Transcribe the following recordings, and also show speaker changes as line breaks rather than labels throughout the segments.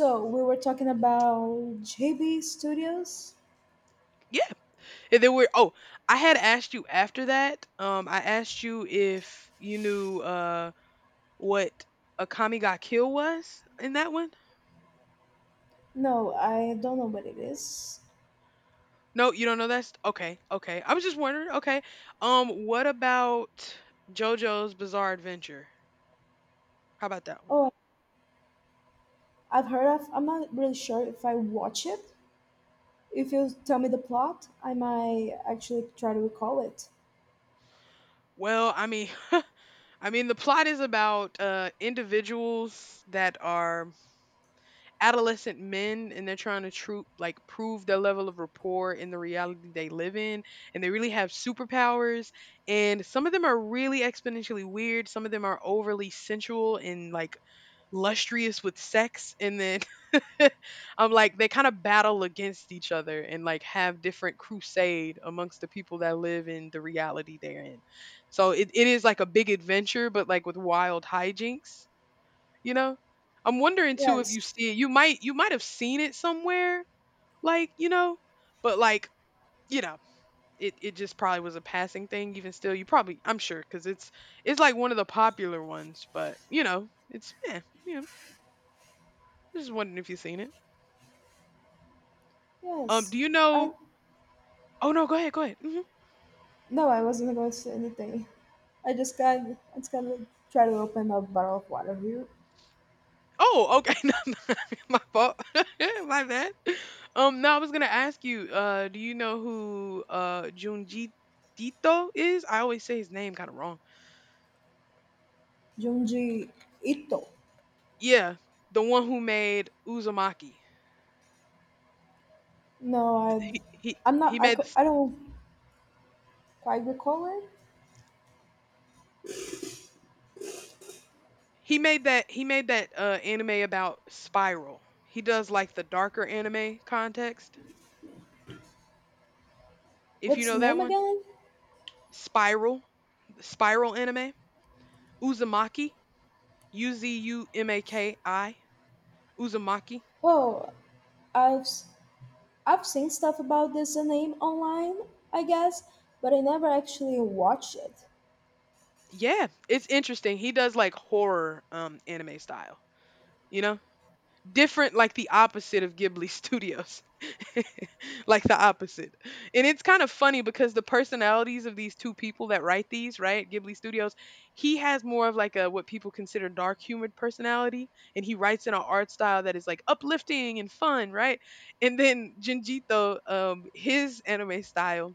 So we were talking about JB Studios.
Yeah. And then we're oh, I had asked you after that. I asked you if you knew what a kami ga kill was in that one.
No, I don't know what it is.
No, you don't know, that's okay, okay. I was just wondering, okay. What about JoJo's Bizarre Adventure? How about that one?
Oh, I've heard of. I'm not really sure if I watch it. If you tell me the plot, I might actually try to recall it.
Well, I mean I mean the plot is about individuals that are adolescent men, and they're trying to true like prove their level of rapport in the reality they live in, and they really have superpowers. And some of them are really exponentially weird, some of them are overly sensual and like lustrous with sex, and then I'm like they kind of battle against each other and like have different crusade amongst the people that live in the reality they're in. So it is like a big adventure but like with wild hijinks, you know? I'm wondering too if you
Yes,
see it. You might have seen it somewhere, like, but like, you know, it just probably was a passing thing even still. You probably, I'm sure cuz it's like one of the popular ones, but it's yeah, yeah. Just wondering if you've seen it. Um
yes.
do you
I
know— oh no, go ahead, go ahead. Hmm.
no, I wasn't going to say anything. I just gotta try to open a bottle of water here.
Oh, okay. No, no, my fault. my bad. No, I was going to ask you do you know who Junji Tito is? I always say his name kind of wrong.
Junji Ito.
Yeah, the one who made Uzumaki.
No. I.
He he
I'm not.
he made this,
I don't quite recall it.
he made that anime about Spiral. He does like the darker anime context. If you
What's the
know that
name
one,
again?
Spiral, the Spiral anime, Uzumaki, U Z U M A K I, Uzumaki.
Oh, I've s- I've seen stuff about this anime online, I guess, but I never actually watched it.
Yeah, it's interesting. He does like horror anime style, you know? Different, like the opposite of Ghibli Studios. like the opposite. And it's kind of funny because the personalities of these two people that write these, right? Ghibli Studios, he has more of like a what people consider dark humored personality, and he writes in an art style that is like uplifting and fun, right? And then Jinjito his anime style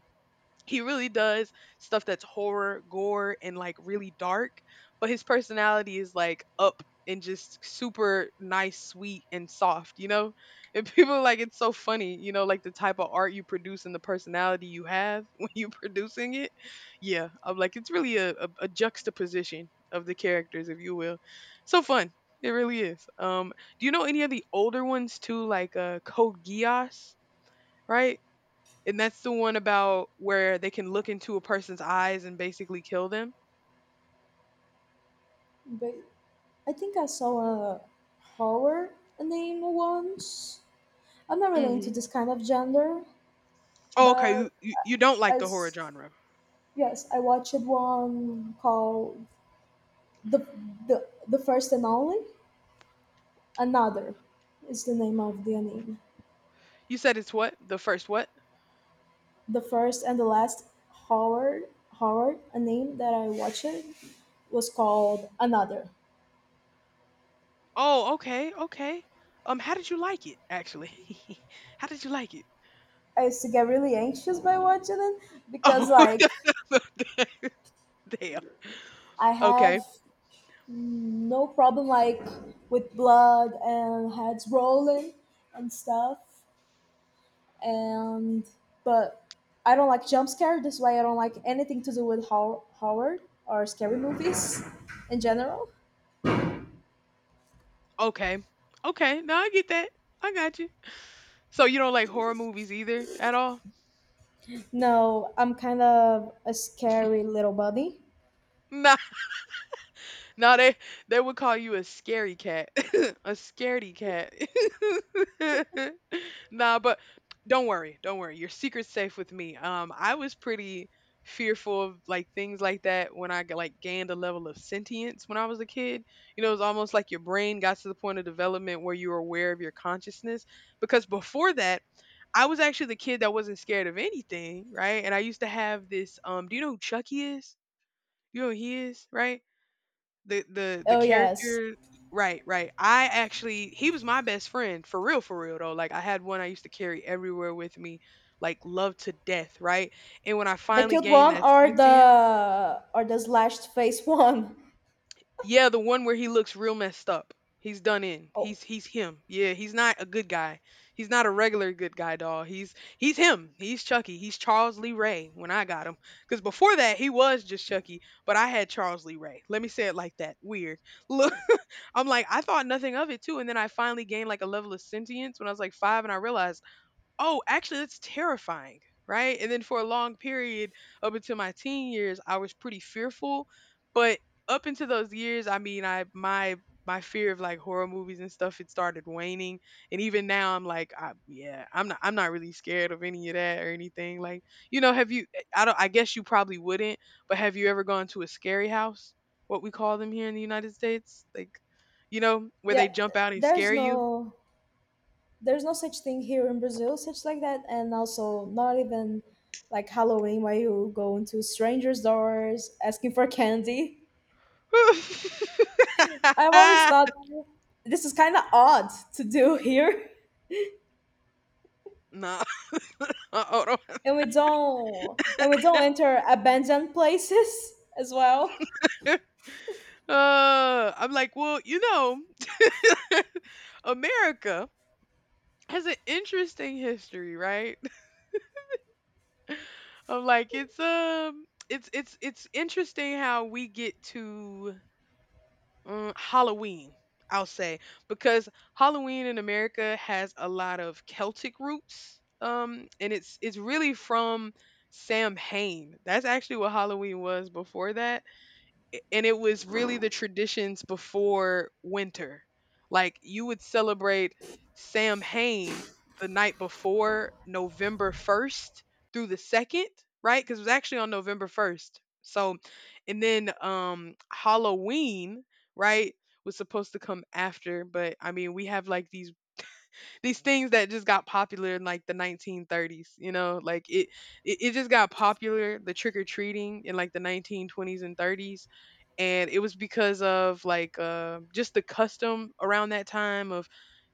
he really does stuff that's horror, gore, and like really dark, but his personality is like up and just super nice, sweet, and soft, you know? And people are like, it's so funny, like the type of art you produce and the personality you have when you're producing it. Yeah, I'm like, it's really a juxtaposition of the characters, if you will. So fun. It really is. Do you know any of the older ones too, like Code Geass, right? And that's the one about where they can look into a person's eyes and basically kill them?
But I think I saw a horror anime once. I'm not really into
Mhm.
this kind of genre,
Oh, okay,
but
you don't
I
like the horror
s-
genre.
yes, I watched one called the the first and only Another is the name of the anime.
You said it's what? The first what?
The first and the last horror horror anime that I watched was called Another.
Oh, okay, okay. How did you like it, actually? How did you like it?
I used to get really anxious by watching it, because
Oh,
like
damn.
I have
Okay,
no problem like with blood and heads rolling and stuff and but I don't like jump scare. That's why I don't like anything to do with horror or scary movies in general.
okay, okay. No, I get that. I got you. So you don't like horror movies either at all?
No, I'm kind of a scary little bunny.
Nah, no, they would call you a scary cat, a scaredy cat. Nah, but don't worry, don't worry. Your secret's safe with me. I was pretty fearful of like things like that when like gained a level of sentience when I was a kid. You know, it was almost like your brain got to the point of development where you were aware of your consciousness. Because before that, I was actually the kid that wasn't scared of anything, right? And I used to have this. Do you know who Chucky is? You know who he is, right? The
Oh yes.
character. Right, right. I actually, he was my best friend, for real though. Like, I had one I used to carry everywhere with me, like love to death, right? And when I
The
finally
cute
gained
one
that
or
sentience,
the slashed face one.
yeah, the one where he looks real messed up. He's done in.
Oh
He's him. Yeah, he's not a good guy. He's not a regular good guy, dog. He's him. He's Chucky. He's Charles Lee Ray when I got him. Because before that, he was just Chucky, but I had Charles Lee Ray. Let me say it like that. Weird. I'm like, I thought nothing of it too. And then I finally gained like a level of sentience when I was like 5, and I realized oh, actually, that's terrifying, right? And then for a long period up until my teen years, I was pretty fearful. But up into those years, I mean, I my my fear of like horror movies and stuff it started waning, and even now I'm like, yeah, I'm not really scared of any of that or anything. Like, have you? I don't. I guess you probably wouldn't. But have you ever gone to a scary house? What we call them here in the United States, like, where
yeah,
they jump out and
there's
scare you.
no there's no such thing here in Brazil, such like that, and also not even like Halloween where you go into strangers' doors asking for candy. I've always thought this is kind of odd to do here,
No. Hold on.
and we don't enter abandoned places as well.
I'm like, well, America has an interesting history, right? I'm like, it's interesting how we get to Halloween. I'll say, because Halloween in America has a lot of Celtic roots, and it's really from Sam Hain. That's actually what Halloween was before that. And it was really the traditions before winter. Like, you would celebrate Samhain the night before November 1st through the 2nd, right? Cuz it was actually on November 1st. So, and then Halloween, right, was supposed to come after, but I mean, we have like these things that just got popular in like the 1930s, you know? Like it just got popular, the trick or treating, in like the 1920s and 30s, and it was because of like just the custom around that time of—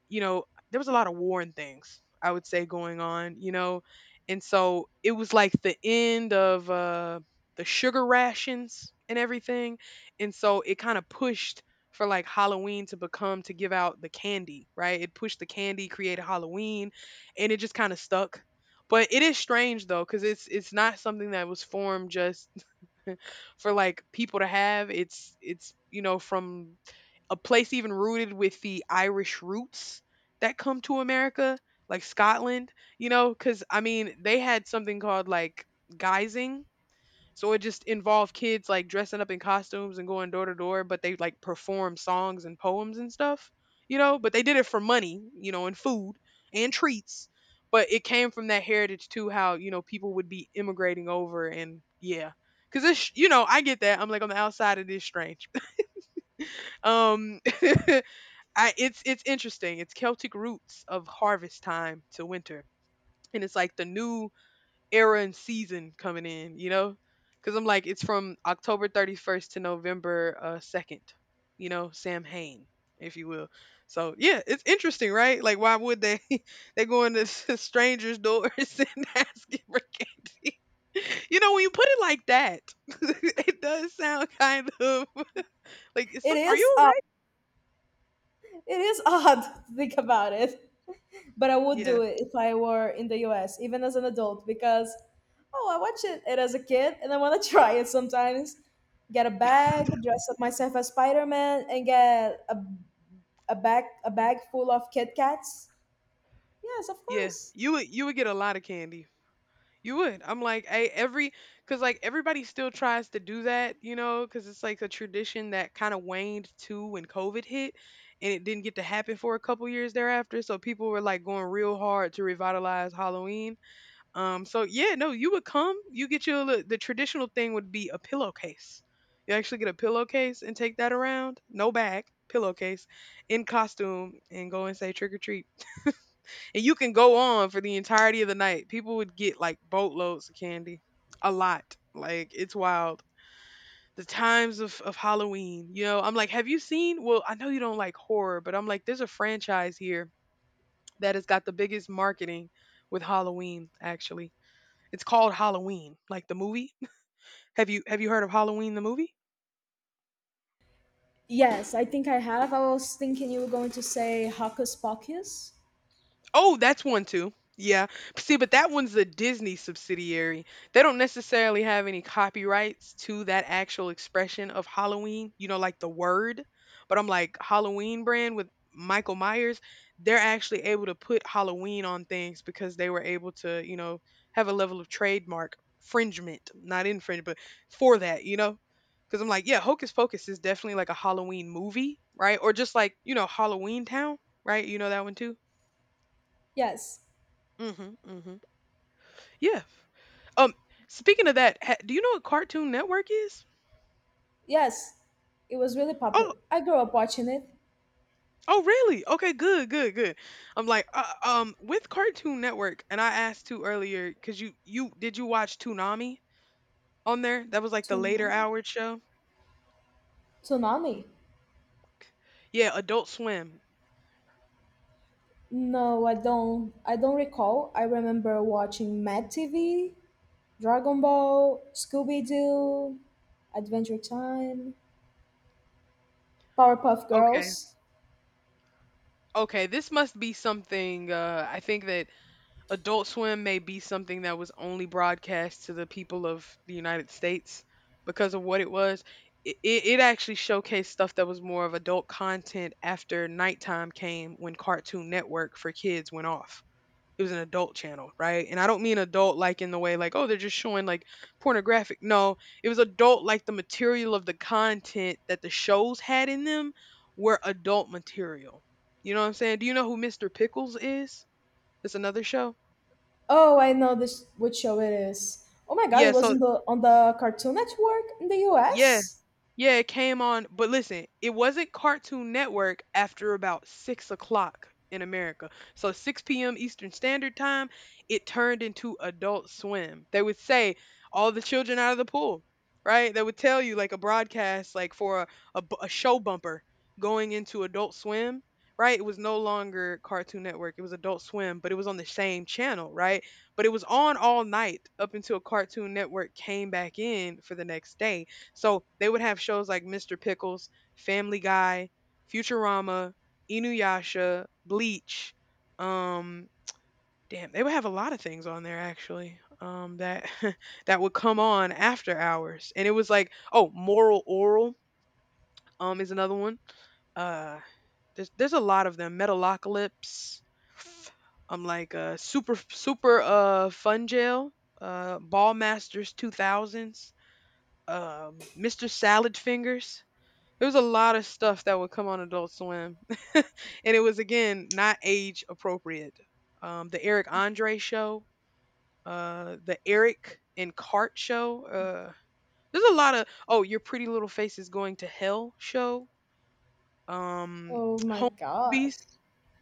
you know there was a lot of war and things I would say going on. And so it was like the end of the sugar rations and everything, and so it kind of pushed for like Halloween to become, to give out the candy, right, it pushed the candy, created Halloween, and it just kind of stuck. But it is strange though, because it's not something that was formed just for like people to have. It's from a place even rooted with the Irish roots that come to America, like Scotland, cuz I mean, they had something called like guising, so it just involved kids like dressing up in costumes and going door to door, but they like perform songs and poems and stuff, but they did it for money, and food and treats. But it came from that heritage too, how, people would be immigrating over, and yeah. Cause it's, I get that. I'm like, on the outside, it is strange. Um, it's interesting. It's Celtic roots of harvest time to winter. And it's like the new era and season coming in, you know? Because I'm like, it's from October 31st to November 2nd, Sam Hain, if you will. So, yeah, it's interesting, right? Like, why would they? they go into strangers' doors and asking for candy. You know, when you put it like that, it does sound kind of like it's
It
some. Are
is
you
odd.
alright?
It is odd to think about it. But I would
Yeah,
do it if I were in the US, even as an adult, because oh, I watch it as a kid and I want to try it sometimes. Get a bag, dress up myself as Spider Man, and get a bag full of Kit Kats. Yes, of
yeah.
course.
You would get a lot of candy. You would. I'm like, I every, because like everybody still tries to do that, because it's like a tradition that kind of waned too when COVID hit, and it didn't get to happen for a couple years thereafter. So people were like going real hard to revitalize Halloween. So yeah, no, you would come. You get the traditional thing would be a pillowcase. You actually get a pillowcase and take that around, no bag, pillowcase, in costume, and go and say trick or treat. And you can go on for the entirety of the night. People would get like boatloads of candy. A lot. Like, it's wild. The times of Halloween, you know, I'm like, have you seen? Well, I know you don't like horror, but I'm like, there's a franchise here that has got the biggest marketing with Halloween, actually. It's called Halloween, like the movie. Have you heard of Halloween the movie?
Yes, I think I have. I was thinking you were going to say Hocus Pocus.
Oh, that's one too. Yeah. See, but that one's a Disney subsidiary. They don't necessarily have any copyrights to that actual expression of Halloween, like the word. But I'm like, Halloween brand with Michael Myers, they're actually able to put Halloween on things because they were able to, have a level of trademark infringement, not infringe, but for that, you know? Because I'm like, yeah, Hocus Pocus is definitely like a Halloween movie, right? Or just like, Halloween Town, right? You know that one too?
Yes,
Mhm, mhm. Yeah. Um, Speaking of that, ha do you know what Cartoon Network is?
yes, it was really popular.
Oh,
I grew up watching it.
oh, really? Okay, good, good, good. I'm like, with Cartoon Network, and I asked too earlier because you did you watch Toonami on there? That was like the later
Tsunami.
hour show.
Tsunami.
Yeah, Adult Swim.
No, I don't. I don't recall. I remember watching Mad TV, Dragon Ball, Scooby Doo, Adventure Time, Powerpuff
Okay,
Girls.
okay. This must be something. I think that Adult Swim may be something that was only broadcast to the people of the United States because of what it was. It actually showcased stuff that was more of adult content after nighttime came when Cartoon Network for kids went off. It was an adult channel, right? And I don't mean adult like in the way like, oh, they're just showing like pornographic. No, it was adult like the material of the content that the shows had in them were adult material. You know what I'm saying? Do you know who Mr. Pickles is? It's another show.
Oh, I know this. Which show it is? Oh my God! It
Yeah,
was
so
in the on the Cartoon Network in the
yeah,
U.S.
yeah, it came on, but listen, it wasn't Cartoon Network after about 6 o'clock in America. So 6 p.m. Eastern Standard Time, it turned into Adult Swim. They would say, all the children out of the pool, right? They would tell you like a broadcast, like for a show bumper going into Adult Swim, right? It was no longer Cartoon Network, it was Adult Swim, but it was on the same channel, right? But it was on all night up until Cartoon Network came back in for the next day, so they would have shows like Mr. Pickles, Family Guy, Futurama, Inuyasha, Bleach. Um, Damn, they would have a lot of things on there actually. That that would come on after hours, and it was like, oh, Moral Oral. Is another one. Uh, there's a lot of them. Metalocalypse. I'm like super fun jail. Ball Masters 2000s. Mr. Salad Fingers. There was a lot of stuff that would come on Adult Swim, and it was again not age appropriate. The Eric Andre show, the Eric and Cart show. There's a lot of oh, Your Pretty Little Face is Going to Hell show. Um,
Oh my
Home
God!
Movies.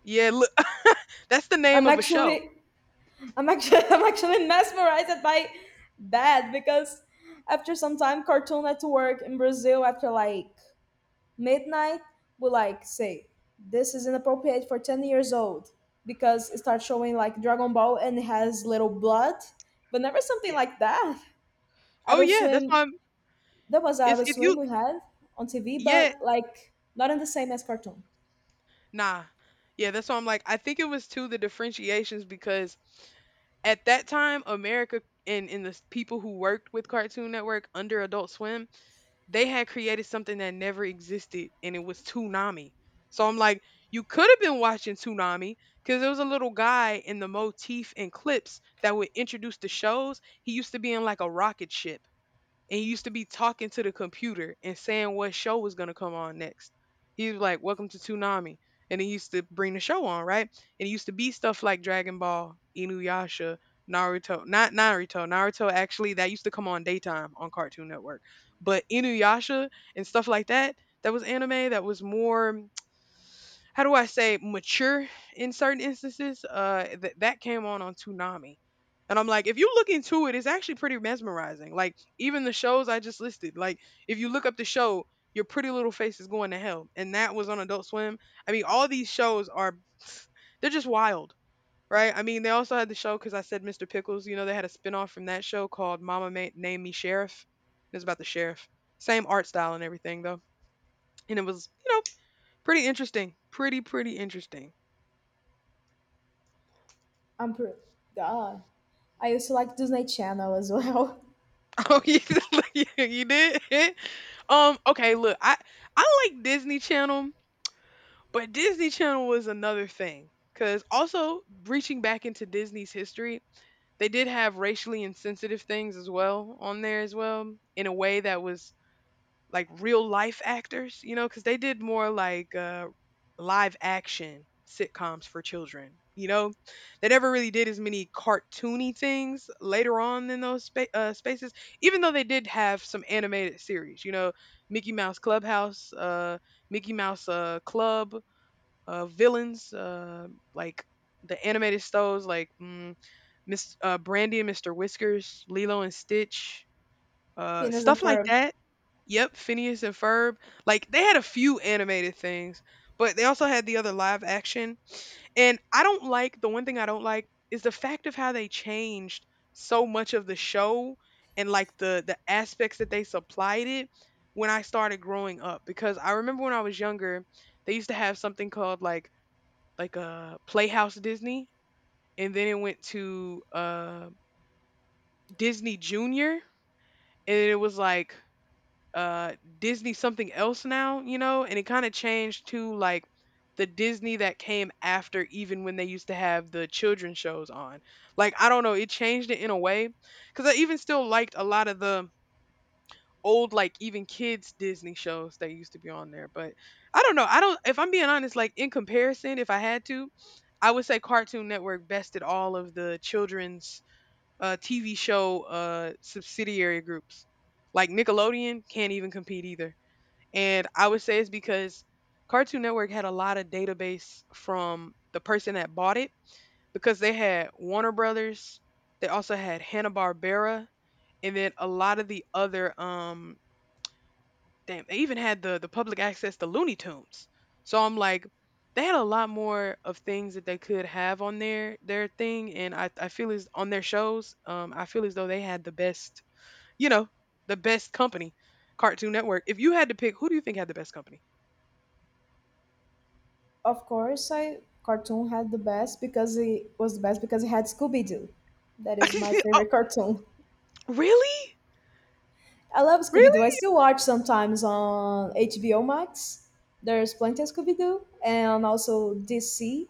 Yeah, look, that's the name
I'm
of a show.
actually, I'm actually, I'm actually mesmerized by that, because after some time, Cartoon Network in Brazil, after like midnight, will like say this is inappropriate for 10 years old because it starts showing like Dragon Ball and it has little blood, but never something
Yeah.
like that.
Oh
Adult
yeah, that's
Swim,
why I'm.
there was
It's
Adult
if
Swim
you.
we had on TV,
Yeah,
but like not in the same as Cartoon.
nah. Yeah, that's why I'm like, I think it was too the differentiations because at that time America and people who worked with Cartoon Network under Adult Swim, they had created something that never existed, and it was Toonami. So I'm like, you could have been watching Toonami because there was a little guy in the motif and clips that would introduce the shows. He used to be in like a rocket ship, and he used to be talking to the computer and saying what show was going to come on next. He was like, "Welcome to Toonami," and he used to bring the show on, right? And it used to be stuff like Dragon Ball, Inuyasha, Naruto, not Naruto. Naruto actually that used to come on daytime on Cartoon Network, but Inuyasha and stuff like that. That was anime. That was more, how do I say, mature in certain instances. That came on Toonami, and I'm like, if you look into it, it's actually pretty mesmerizing. Like even the shows I just listed, like if you look up the show, Your Pretty Little Face is Going to Hell, and that was on Adult Swim. I mean, all these shows are, they're just wild. Right, I mean, they also had the show because I said Mr. Pickles. You know, they had a spinoff from that show called Mama Ma- Named Me Sheriff. It's about the sheriff. Same art style and everything, though, and it was, pretty interesting. Pretty, pretty interesting.
I'm pretty God, I used to like Disney Channel as well.
Oh, you did? Okay, look, I like Disney Channel, but Disney Channel was another thing. Cause also reaching back into Disney's history, they did have racially insensitive things as well on there as well, in a way that was like real life actors, you know, because they did more like live action sitcoms for children. You know, they never really did as many cartoony things later on in those spaces, even though they did have some animated series. You know, Mickey Mouse Clubhouse, Mickey Mouse Club, villains, like the animated shows like Miss Brandy and Mr. Whiskers, Lilo and Stitch,
Phineas and
stuff like
Ferb.
that. Yep, Phineas and Ferb. Like they had a few animated things, but they also had the other live action. And I don't like, the one thing I don't like is the fact of how they changed so much of the show and like the aspects that they supplied it when I started growing up, because I remember when I was younger, they used to have something called like a Playhouse Disney, and then it went to Disney Junior, and it was like uh Disney something else now, you know, and it kind of changed to like the Disney that came after, even when they used to have the children's shows on. Like I don't know, it changed it in a way cuz I even still liked a lot of the old like even kids Disney shows that used to be on there, but I don't know. I don't, if I'm being honest, like in comparison, if I had to, I would say Cartoon Network bested all of the children's TV show subsidiary groups. Like Nickelodeon can't even compete either. And I would say it's because Cartoon Network had a lot of database from the person that bought it, because they had Warner Brothers, they also had Hanna-Barbera, and then a lot of the other damn, they even had the public access to Looney Tunes. So I'm like, they had a lot more of things that they could have on their thing, and I feel as on their shows, I feel as though they had the best, you know, the best company, Cartoon Network. If you had to pick, who do you think had the best company?
Of course, I Cartoon had the best because it was the best because it had Scooby Doo. That is my
Oh,
favorite cartoon.
really?
I love Scooby Doo. I
Really?
still watch sometimes on HBO Max. There's plenty of Scooby Doo and also DC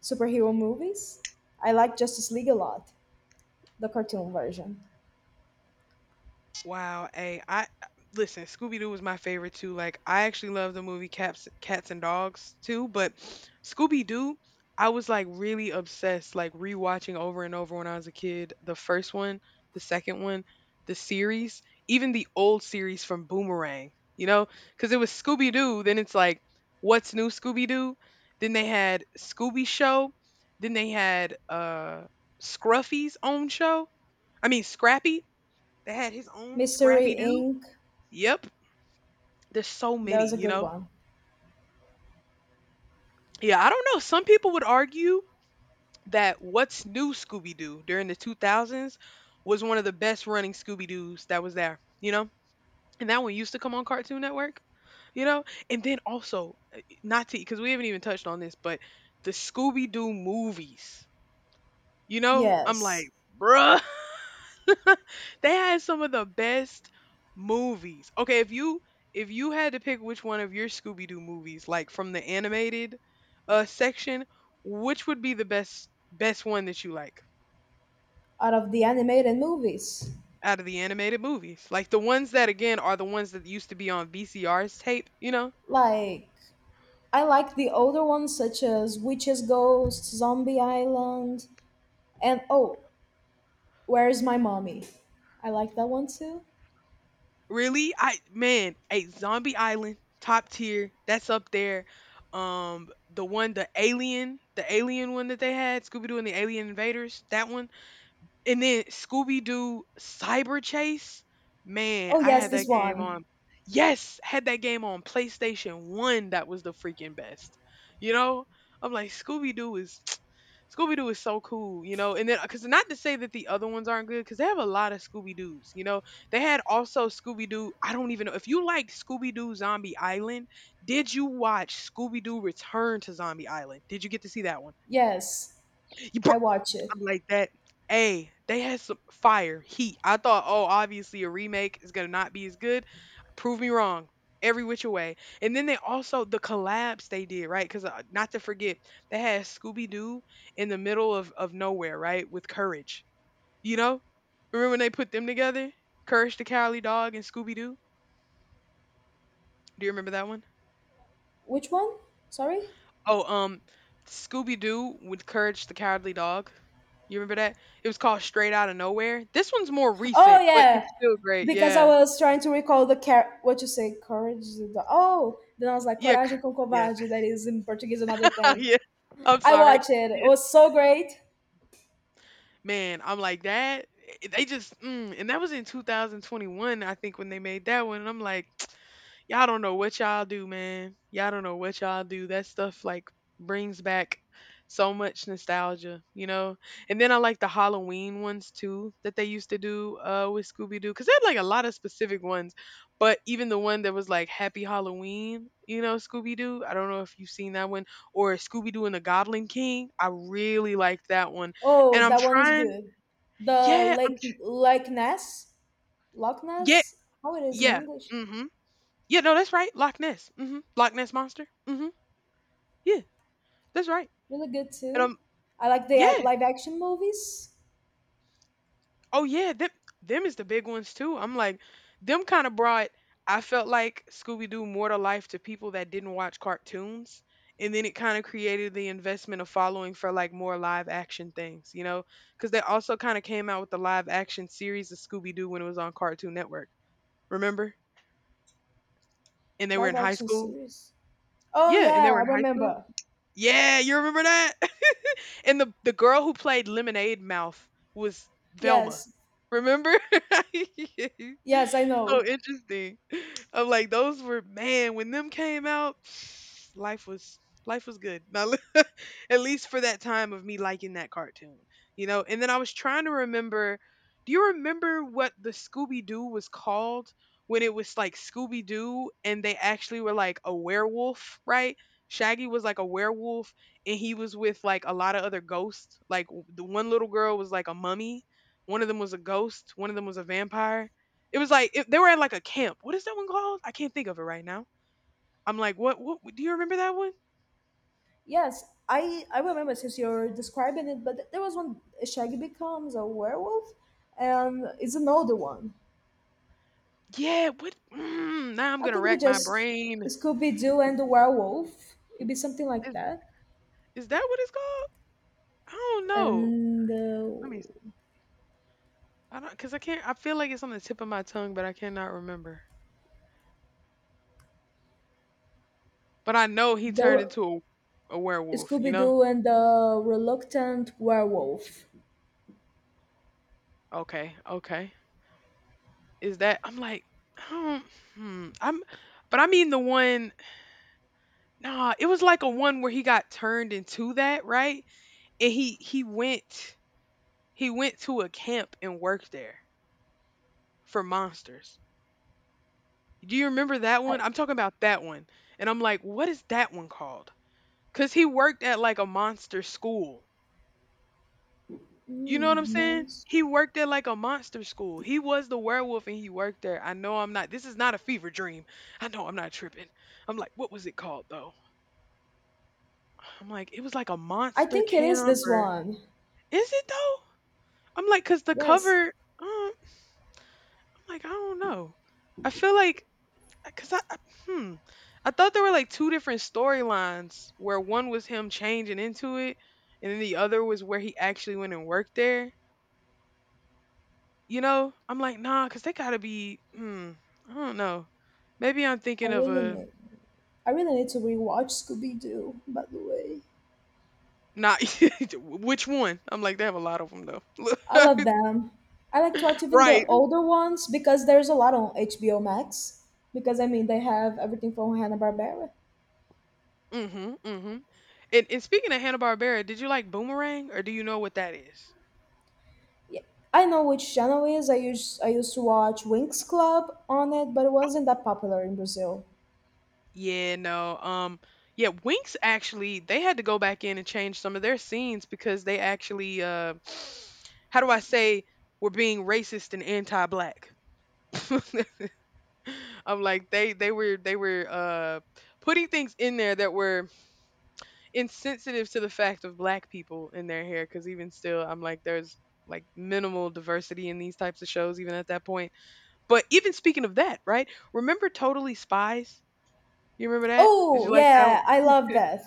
superhero movies. I like Justice League a lot, the cartoon version.
Wow, hey, I listen, Scooby Doo was my favorite too. Like I actually love the movie Cats and Dogs too, but Scooby Doo, I was like really obsessed, like rewatching over and over when I was a kid. The first one, the second one, the series, even the old series from Boomerang, you know? Cuz it was Scooby Doo, then it's like What's New Scooby Doo? Then they had Scooby Show, then they had Scruffy's own show. I mean Scrappy, that had his own
Mystery
Scrappy Doo.
Inc.
Yep. There's so
That was
many,
a
you
good
know?
one.
Yeah, I don't know. Some people would argue that What's New Scooby Doo during the 2000s was one of the best running Scooby Doos that was there, you know? And that one used to come on Cartoon Network, you know? And then also, not to, because we haven't even touched on this, but the Scooby Doo movies, you know? I'm like,
Yes,
bruh. They had some of the best movies. Okay, if you, if you had to pick which one of your Scooby Doo movies, like from the animated section, which would be the best one that you like
out of the animated movies,
out of the animated movies? Like the ones that again are the ones that used to be on VCR's tape, you know?
like I like the older ones such as Witches Ghosts, Zombie Island, and oh, Where's My Mommy? I like that one too.
Really? I man, a Zombie Island, top tier, that's up there. The one the alien one that they had, Scooby Doo and the Alien Invaders, that one. And then Scooby Doo Cyber Chase, man,
Oh
I
yes,
had
this
that game
one.
on. Yes, had that game on PlayStation 1. That was the freaking best. You know, I'm like Scooby Doo is Scooby Doo is so cool, you know. And then cuz not to say that the other ones aren't good cuz they have a lot of Scooby Doos, you know. They had also Scooby Doo, I don't even know if you like Scooby Doo Zombie Island, did you watch Scooby Doo Return to Zombie Island? Did you get to see that one?
Yes.
You
I
I'm
watch it.
like that. Hey, they had some fire heat. I thought, oh, obviously a remake is gonna not be as good. Prove me wrong, every which way. And then they also the collabs they did, right? Because not to forget, they had Scooby Doo in the middle of nowhere, right, with Courage. You know, remember when they put them together, Courage the Cowardly Dog and Scooby Doo? Do you remember that one?
Which one? Sorry.
Oh, um, Scooby Doo with Courage the Cowardly Dog. You remember that? It was called Straight Out of Nowhere. This one's more
Oh
recent, but
yeah,
it's still great.
because I
Yeah,
was trying to recall the car. What you say? Courage. The, oh, then I was like
yeah,
coragem com
yeah,
covarde. That is in Portuguese another thing.
yeah. I'm
I
sorry.
watched it. It
Yeah.
was so great.
Man, I'm like that. They just, and that was in 2021, I think, when they made that one. And I'm like. Y'all don't know what y'all do, man. Y'all don't know what y'all do. That stuff like brings back so much nostalgia, And then I like the Halloween ones too that they used to do with Scooby Doo cuz they had like a lot of specific ones. But even the one that was like Happy Halloween, Scooby Doo. I don't know if you've seen that one or Scooby Doo and the Goblin King. I really liked that one. And
Oh,
I'm
that one is
trying.
good. The
Yeah,
Lake Lake Ness, Loch
yeah,
Ness. How it is in
yeah.
English?
Mhm. Yeah, no, that's right. Loch Ness. Mhm. Loch Ness monster. Mhm. Yeah. That's right.
Really good
And
too. I like the
yeah,
live action movies,
oh yeah, them is the big ones too. I'm like, them kind of brought. I felt like Scooby Doo more to life to people that didn't watch cartoons, and then it kind of created the investment of following for like more live action things, you know? Because they also kind of came out with the live action series of Scooby Doo when it was on Cartoon Network. Remember? And they were
live
in high
action
school.
series. Oh
Yeah, and they
yeah,
were
I
in high school.
remember.
Yeah, you remember that? And the girl who played Lemonade Mouth was Velma.
Yes,
Remember?
yes, I
So
know.
interesting. I'm like, those were man, when them came out, life was life was good. Now, at least for that time of me liking that cartoon. You know, and then I was trying to remember, do you remember what the Scooby Doo was called when it was like Scooby Doo and they actually were like a werewolf, right? Shaggy was like a werewolf and he was with like a lot of other ghosts. Like the one little girl was like a mummy, one of them was a ghost, one of them was a vampire. It was like it, they were at like a camp. What is that one called? I can't think of it right now. I'm like, what? What? Do you remember that one?
Yes, I remember since you're describing it, but there was one Shaggy becomes a werewolf, and it's an older one.
Yeah. What? Now I'm
I
gonna
think we
rack my
just
brain.
Scooby Doo and the werewolf. It'd be something like
Is
that,
is that what it's called? I don't know.
and
Let me. s- I don't because I can't. I feel like it's on the tip of my tongue, but I cannot remember. But I know he turned
the
into a werewolf. You
Scooby
know?
Doo and the Reluctant Werewolf.
Okay. Okay. Is that I'm like, um, hmm, I'm but I mean the one nah, it was like a one where he got turned into that, right? And he went to a camp and worked there for monsters. Do you remember that
I,
one? I'm talking about that one. And I'm like, what is that one called? Cuz he worked at like a monster school. You know what I'm saying?
monster.
He worked at like a monster school. He was the werewolf and he worked there. I know I'm not. This is not a fever dream. I know I'm not tripping. I'm like, what was it called though? I'm like, "It was like a
I
monster
think it is
camp
this
or."
one.
Is it though? I'm like cause the
Yes,
cover, um, I'm like, "I don't know." I feel like 'cause hmm, I thought there were, like, two different storylines where one was him changing into it, and then the other was where he actually went and worked there, you know? I'm like, nah cause they gotta be" I don't know. Maybe I'm
I
thinking of
really
a
need. I really need to rewatch Scooby Doo. By the way.
not. Which one? I'm like, they have a lot of them though.
All of them. I like to watch even the
Right.
older ones because there's a lot on HBO Max. Because I mean, they have everything from Hanna Barbera.
Mhm, mhm. And speaking of Hanna Barbera, did you like Boomerang, or do you know what that is?
Yeah, I know which channel it is. I used to watch Winx Club on it, but it wasn't that popular in Brazil.
Yeah, no. Yeah, Winx actually they had to go back in and change some of their scenes because they actually, how do I say, were being racist and anti-black. I'm like they were putting things in there that were insensitive to the fact of black people in their hair because even still I'm like there's like minimal diversity in these types of shows even at that point. But even speaking of that, right? Remember Totally Spies? You remember that? Did you
Oh
like that
yeah, I
one?
love that.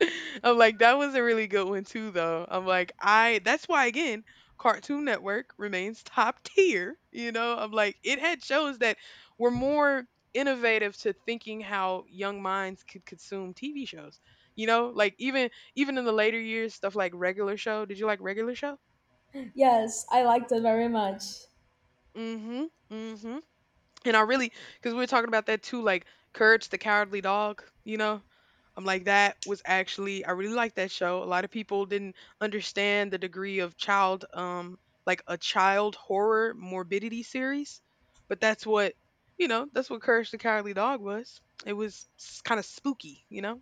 I'm like, that was a really good one too, though. I'm like, I that's why again, Cartoon Network remains top tier. You know, I'm like, it had shows that were more innovative to thinking how young minds could consume TV shows. You know, like even in the later years, stuff like Regular Show. Did you like Regular Show?
Yes, I liked it very much.
Mm-hmm. Mm-hmm. And I really, because we were talking about that too, like Courage the Cowardly Dog, you know? I'm like, that was actually I really liked that show. A lot of people didn't understand the degree of child, like a child horror morbidity series, but that's what you know. That's what Courage the Cowardly Dog was. It was kind of spooky, you know.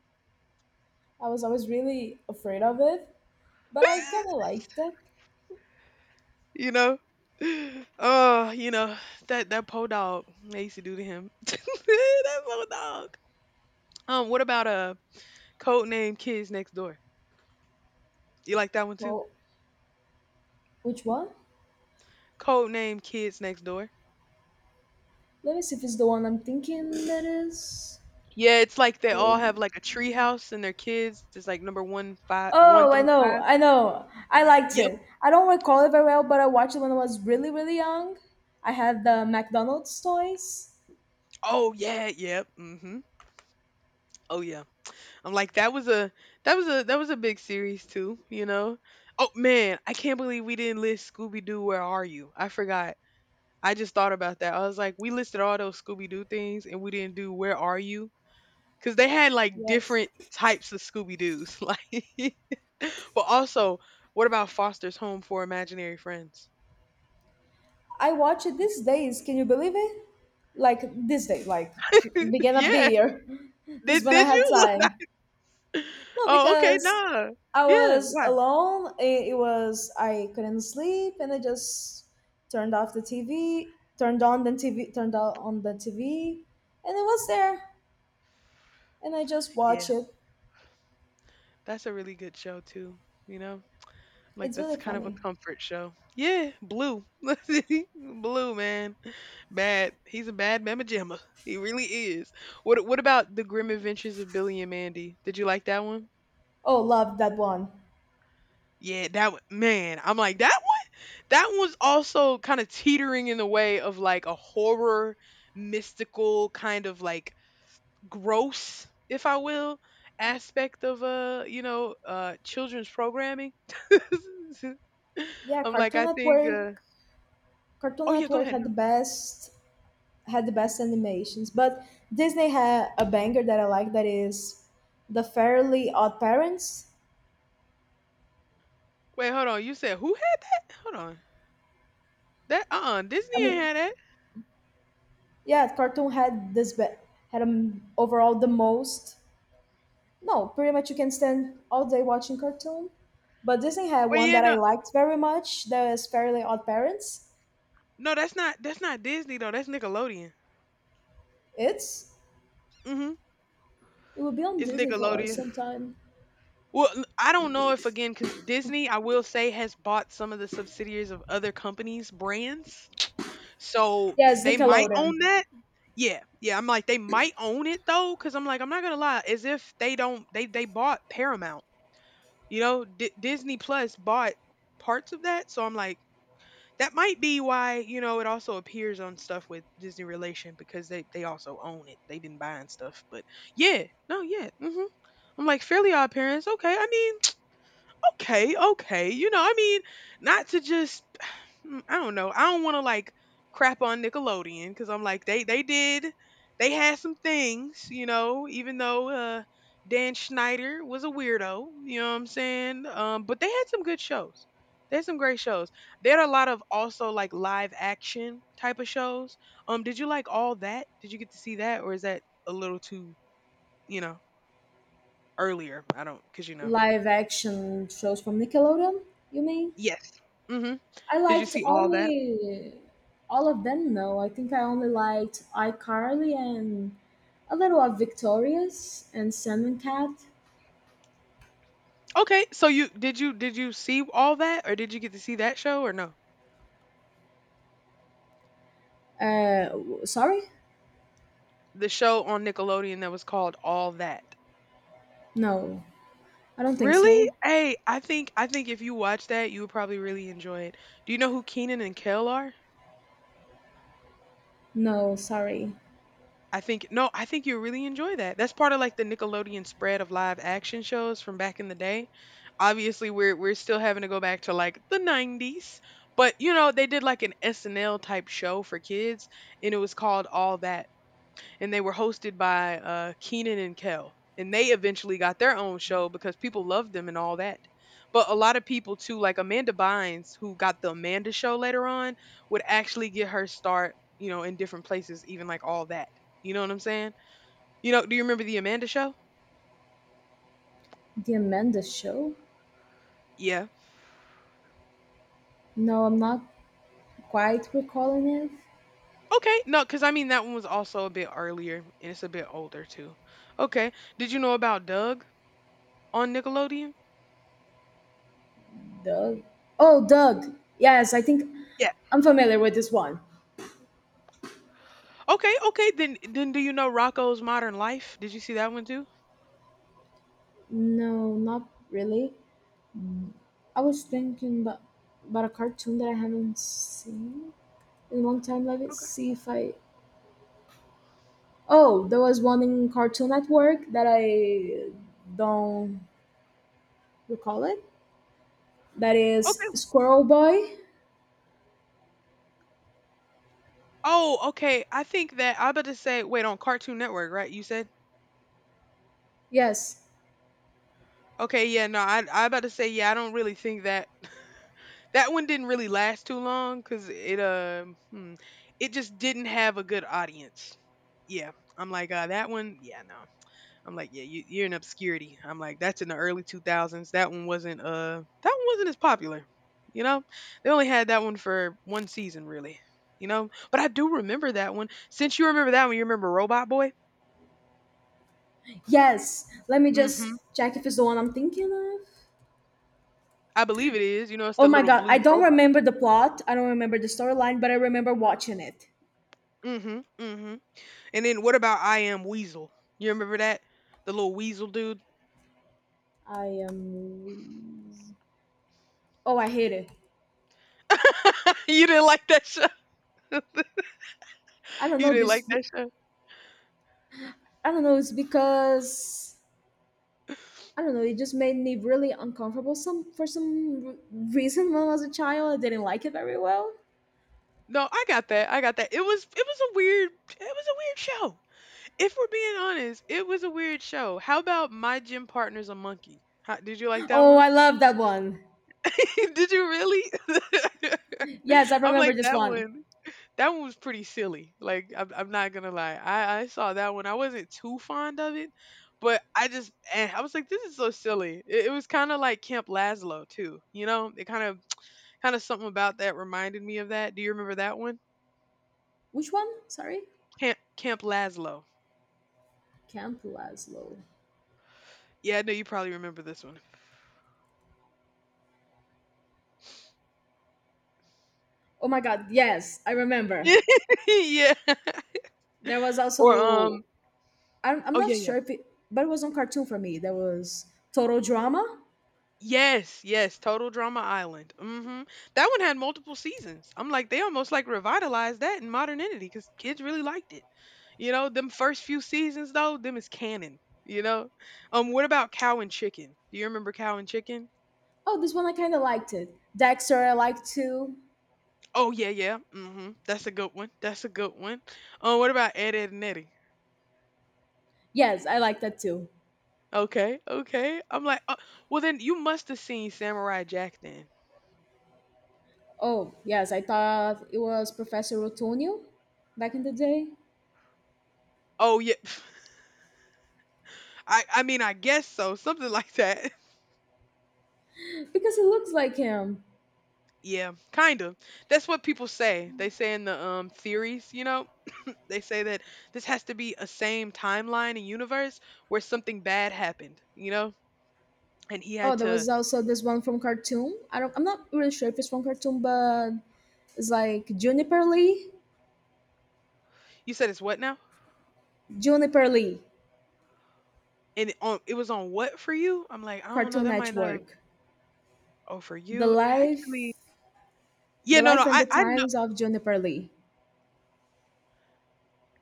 I was always really afraid of it, but I kinda like that.
you know. Oh, you know that po dog they used to do to him. that po dog. What about Codename Kids Next Door? You like that one too?
Well, which one?
Codename Kids Next Door.
Let me see if it's the one I'm thinking that is
Yeah, it's like they
called.
all have like a treehouse and their kids. It's like number one, five, one
Oh, I
through
know,
five.
I know. I liked
Yep.
it. I don't recall it very well, but I watched it when I was really, really young. I had the McDonald's toys.
Oh yeah. Yep. Mm-hmm. Oh yeah. I'm like that was a big series too. You know. Oh man, I can't believe we didn't list Scooby Doo. Where are you? I forgot. I just thought about that. I was like, we listed all those Scooby Doo things and we didn't do Where Are You? Because they had like
Yes.
different types of Scooby Doos. Like, but also, what about Foster's Home for Imaginary Friends?
I watch it these days. Can you believe it? Like this day, like beginning of the
yeah.
year. This is
Did
when I
did
had
you look
time.
like.
No,
Oh, okay,
because
nah.
I
Yeah,
was
why?
alone. It was I couldn't sleep, and I just turned off the TV, turned on the TV, turned out on the TV, and it was there. And I just
Yeah,
watch it.
that's a really good show too, you know? Like
It's really
that's kind of a
funny.
comfort show. Yeah, Blue. Blue, man. Bad. He's a bad mamma jamma. He really is. What about The Grim Adventures of Billy and Mandy? Did you like that one?
Oh, love that one.
Yeah, that one, man. I'm like that one. That one's also kind of teetering in the way of like a horror mystical kind of like gross, if I will, aspect of you know, children's programming.
Yeah,
I'm like,
Cartoon
I think
Network. Cartoon
oh yeah, go
Network
ahead.
had the
No.
best had the best animations. But Disney had a banger that I like that is the Fairly Odd Parents.
Wait, hold on. You said who had that? Hold on. That
I
Disney ain't
mean,
had that.
yeah, Cartoon had overall the most. No, pretty much you can stand all day watching cartoon. But Disney had
Wait,
one
yeah,
that I
no.
liked very much. That is Fairly Odd Parents.
No, that's not Disney though. That's Nickelodeon.
It's
Mhm.
it will be on
It's
Disney for us
Nickelodeon.
sometime.
Well, I don't know if again cuz Disney, I will say has bought some of the subsidiaries of other companies' brands. So,
Yes,
they might
Nickelodeon.
own that. Yeah, yeah, I'm like, they might own it though, because 'cause I'm like, I'm not gonna lie, as if they don't they bought Paramount, you know, D Disney Plus bought parts of that, so I'm like, that might be why, you know, it also appears on stuff with Disney relation because they also own it. They've been buying stuff, but yeah, no, yeah, mhm. I'm like, Fairly Odd Parents, okay, I mean. Okay, okay. You know, I mean, not to just I don't know. I don't want to like crap on Nickelodeon cuz I'm like they had some things, you know, even though Dan Schneider was a weirdo, you know what I'm saying? But they had some good shows. They had some great shows. They had a lot of also like live action type of shows. Did you like all that? Did you get to see that or is that a little too, you know, earlier? I don't cuz you know.
Live action shows from Nickelodeon. You mean?
Yes. Mhm.
I
Did you
liked
see all that?
only all of them. No, I think I only liked iCarly and a little of Victorious and Sandman Cat.
Okay, so you did you see all that, or did you get to see that show, or no?
Sorry,
The show on Nickelodeon that was called All That.
no, I don't think
Really?
so.
Hey, I think if you watch that, you would probably really enjoy it. Do you know who Keenan and Kel are?
No, sorry,
I think no, I think you really enjoy that. That's part of like the Nickelodeon spread of live action shows from back in the day. Obviously, we're still having to go back to like the 90s, but you know, they did like an SNL type show for kids and it was called All That and they were hosted by Keenan and Kel. And they eventually got their own show because people loved them and all that. But a lot of people too, like Amanda Bynes, who got the Amanda show later on, would actually get her start, you know, in different places, even like all that. You know what I'm saying? You know, do you remember the Amanda show?
The Amanda Show.
Yeah.
No, I'm not quite recalling it.
Okay. No, because I mean, that one was also a bit earlier and it's a bit older too. Okay. Did you know about Doug on Nickelodeon?
Doug. Oh, Doug. Yes, I think
Yeah.
I'm familiar with this one.
Okay. Okay. Then do you know Rocco's Modern Life? Did you see that one too?
No, not really. I was thinking about a cartoon that I haven't seen. In one time, let me
Okay.
see if I. Oh, there was one in Cartoon Network that I don't recall it, that is
Okay.
Squirrel Boy.
Oh, okay. I think that I about to say wait on Cartoon Network, right? You said?
Yes,
Okay, yeah, no, I about to say yeah, I don't really think that that one didn't really last too long cuz it it just didn't have a good audience. Yeah. I'm like that one, yeah, no. I'm like yeah, you're in obscurity. I'm like that's in the early 2000s. That one wasn't as popular. You know? They only had that one for one season really. You know? But I do remember that one. Since you remember that one, you remember Robot Boy?
yes, let me
Mhm.
just check if it's the one I'm thinking of.
I believe it is. You know, it's the
Oh my
little
God, I
blue
don't
robot.
remember the plot. I don't remember the storyline, but I remember watching it.
Mhm. Mhm. And then what about I Am Weasel? You remember that? The little weasel dude?
I Am Wheeze-, oh, I hate it.
You didn't like that show.
I don't
You
know
didn't like
this.
that show.
I don't know. It's because I don't know. It just made me really uncomfortable. Some For some reason, when I was a child, I didn't like it very well.
No, I got that. I got that. It was it was a weird show. If we're being honest, it was a weird show. How about My Gym Partner's a Monkey? How, did you like that
Oh,
one?
I love that one.
Did you really?
Yes, I
I'm
remember
like
this
that
one.
one. That one was pretty silly. Like I'm not gonna lie. I saw that one. I wasn't too fond of it, but I just I was like, this is so silly. It was kind of like Camp Lazlo too. You know, it kind of something about that reminded me of that. Do you remember that one?
Which one? Sorry,
Camp Lazlo.
Camp Lazlo.
Yeah, I know you probably remember this one.
Oh my God! Yes, I remember.
Yeah.
There was
Or
also I'm
Oh yeah,
not
yeah.
sure if it, but it was on cartoon for me. There was Total Drama.
Yes, yes, Total Drama Island. That one had multiple seasons. I'm like, they almost like revitalized that in modernity because kids really liked it. You know, them first few seasons though, them is canon. You know, what about Cow and Chicken? Do you remember Cow and Chicken?
Oh, this one I kind of liked it. Dexter, I liked too.
Oh yeah, yeah. That's a good one. That's a good one. What about Ed, Ed and Eddie?
Yes, I liked that too.
Okay, okay. I'm like, well then you must have seen Samurai Jack then.
Oh yes, I thought it was Professor Otonio back in the day.
Oh yeah, I mean I guess so, something like that.
Because he looks like him.
Yeah, kind of. That's what people say. They say in the theories, you know, they say that this has to be a same timeline and universe where something bad happened, you know? And he
Oh,
had
there
to
was also this one from Khartoum. I don't. I'm not really sure if it's from Khartoum, but it's like Juniper Lee,
you said it's what now?
Juniper Lee,
And it on it was on what for you? I'm like, I don't know,
Cartoon
that might not have
Network,
oh for
the
you. Actually
life,
yeah,
the
no, no,
life and the
I know
times of Juniper Lee.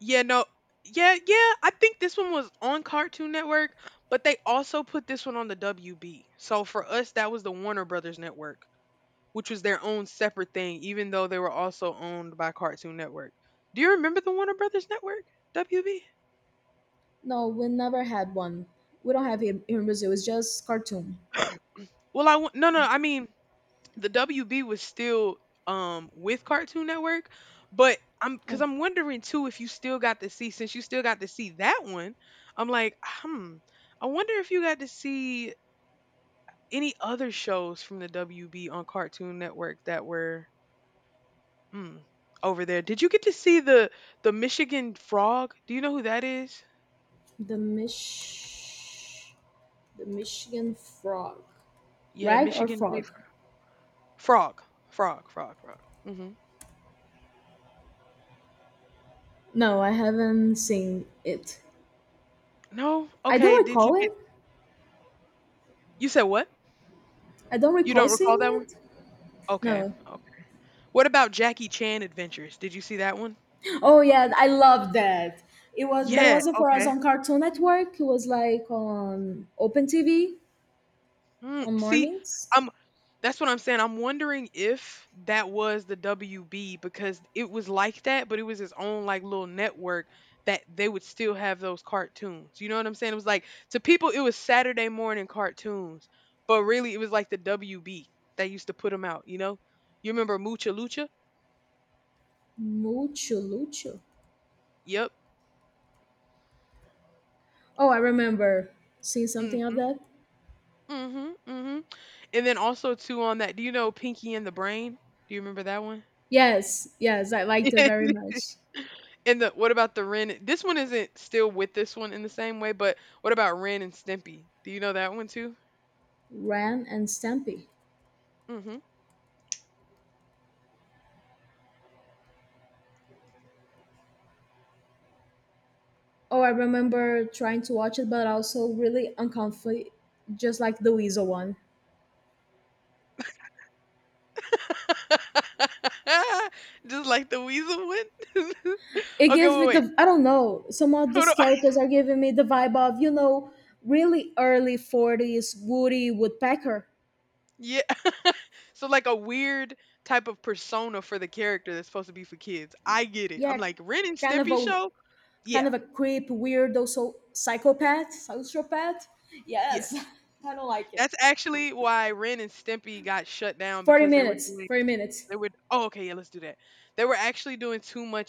yeah, no yeah, yeah, I think this one was on Cartoon Network, but they also put this one on the WB. So for us that was the Warner Brothers network, which was their own separate thing, even though they were also owned by Cartoon Network. Do you remember the Warner Brothers Network? WB?
No, we never had one. We don't have him in Brazil. It's just Khartoum.
Well, no no, I mean the WB was still with Cartoon Network, but I'm because
Oh,
I'm wondering too if you still got to see since you still got to see that one. I'm like, I wonder if you got to see any other shows from the WB on Cartoon Network that were hmm, over there. Did you get to see the Michigan Frog? Do you know who that is?
the Mich, the Michigan Frog,
Yeah,
rag or
Michigan J.
frog?
Frog. Frog. Mhm.
No, I haven't seen it.
No?
I
Okay,
don't
did you
recall
get
it.
You said what?
I don't
You
recall
don't
seeing
recall that one?
it.
Okay,
No.
okay. What about Jackie Chan Adventures? Did you see that one?
Oh yeah, I love that. It was, but it
Yeah,
wasn't for us
okay.
on Cartoon Network. It was like on Open TV
Mm,
on
see,
mornings.
I'm that's what I'm saying. I'm wondering if that was the WB because it was like that, but it was his own like little network that they would still have those cartoons. You know what I'm saying? It was like to people it was Saturday morning cartoons, but really it was like the WB that used to put them out, you know? You remember Mucha Lucha?
Mucho Lucho.
Yep.
Oh, I remember seeing something of
Mhm.
that.
Mhm. Mhm. And then also too on that, do you know Pinky and the Brain? Do you remember that one?
Yes, yes, I liked it very much.
And the what about the Ren? This one isn't still with this one in the same way, but what about Ren and Stimpy? Do you know that one too?
Ran and Stampy.
hmm
Oh, I remember trying to watch it, but also really uncomfortable, just like the Weasel one.
Just like the weasel one.
It
Okay,
gives me
wait, wait.
the, I don't know. Some of
Hold
these
on.
characters are giving me the vibe of really early 40s Woody Woodpecker.
Yeah. So like a weird type of persona for the character that's supposed to be for kids. I get it.
Yeah,
I'm like Ren and
kind of
Stimpy
a
show.
kind
Yeah.
of a creep, weirdo, so psychopath, sociopath. Yes,
Yes.
I don't like it.
That's actually why Ren and Stimpy got shut down
Forty
because they were
minutes.
doing
40 minutes.
they were oh okay yeah let's do that. They were actually doing too much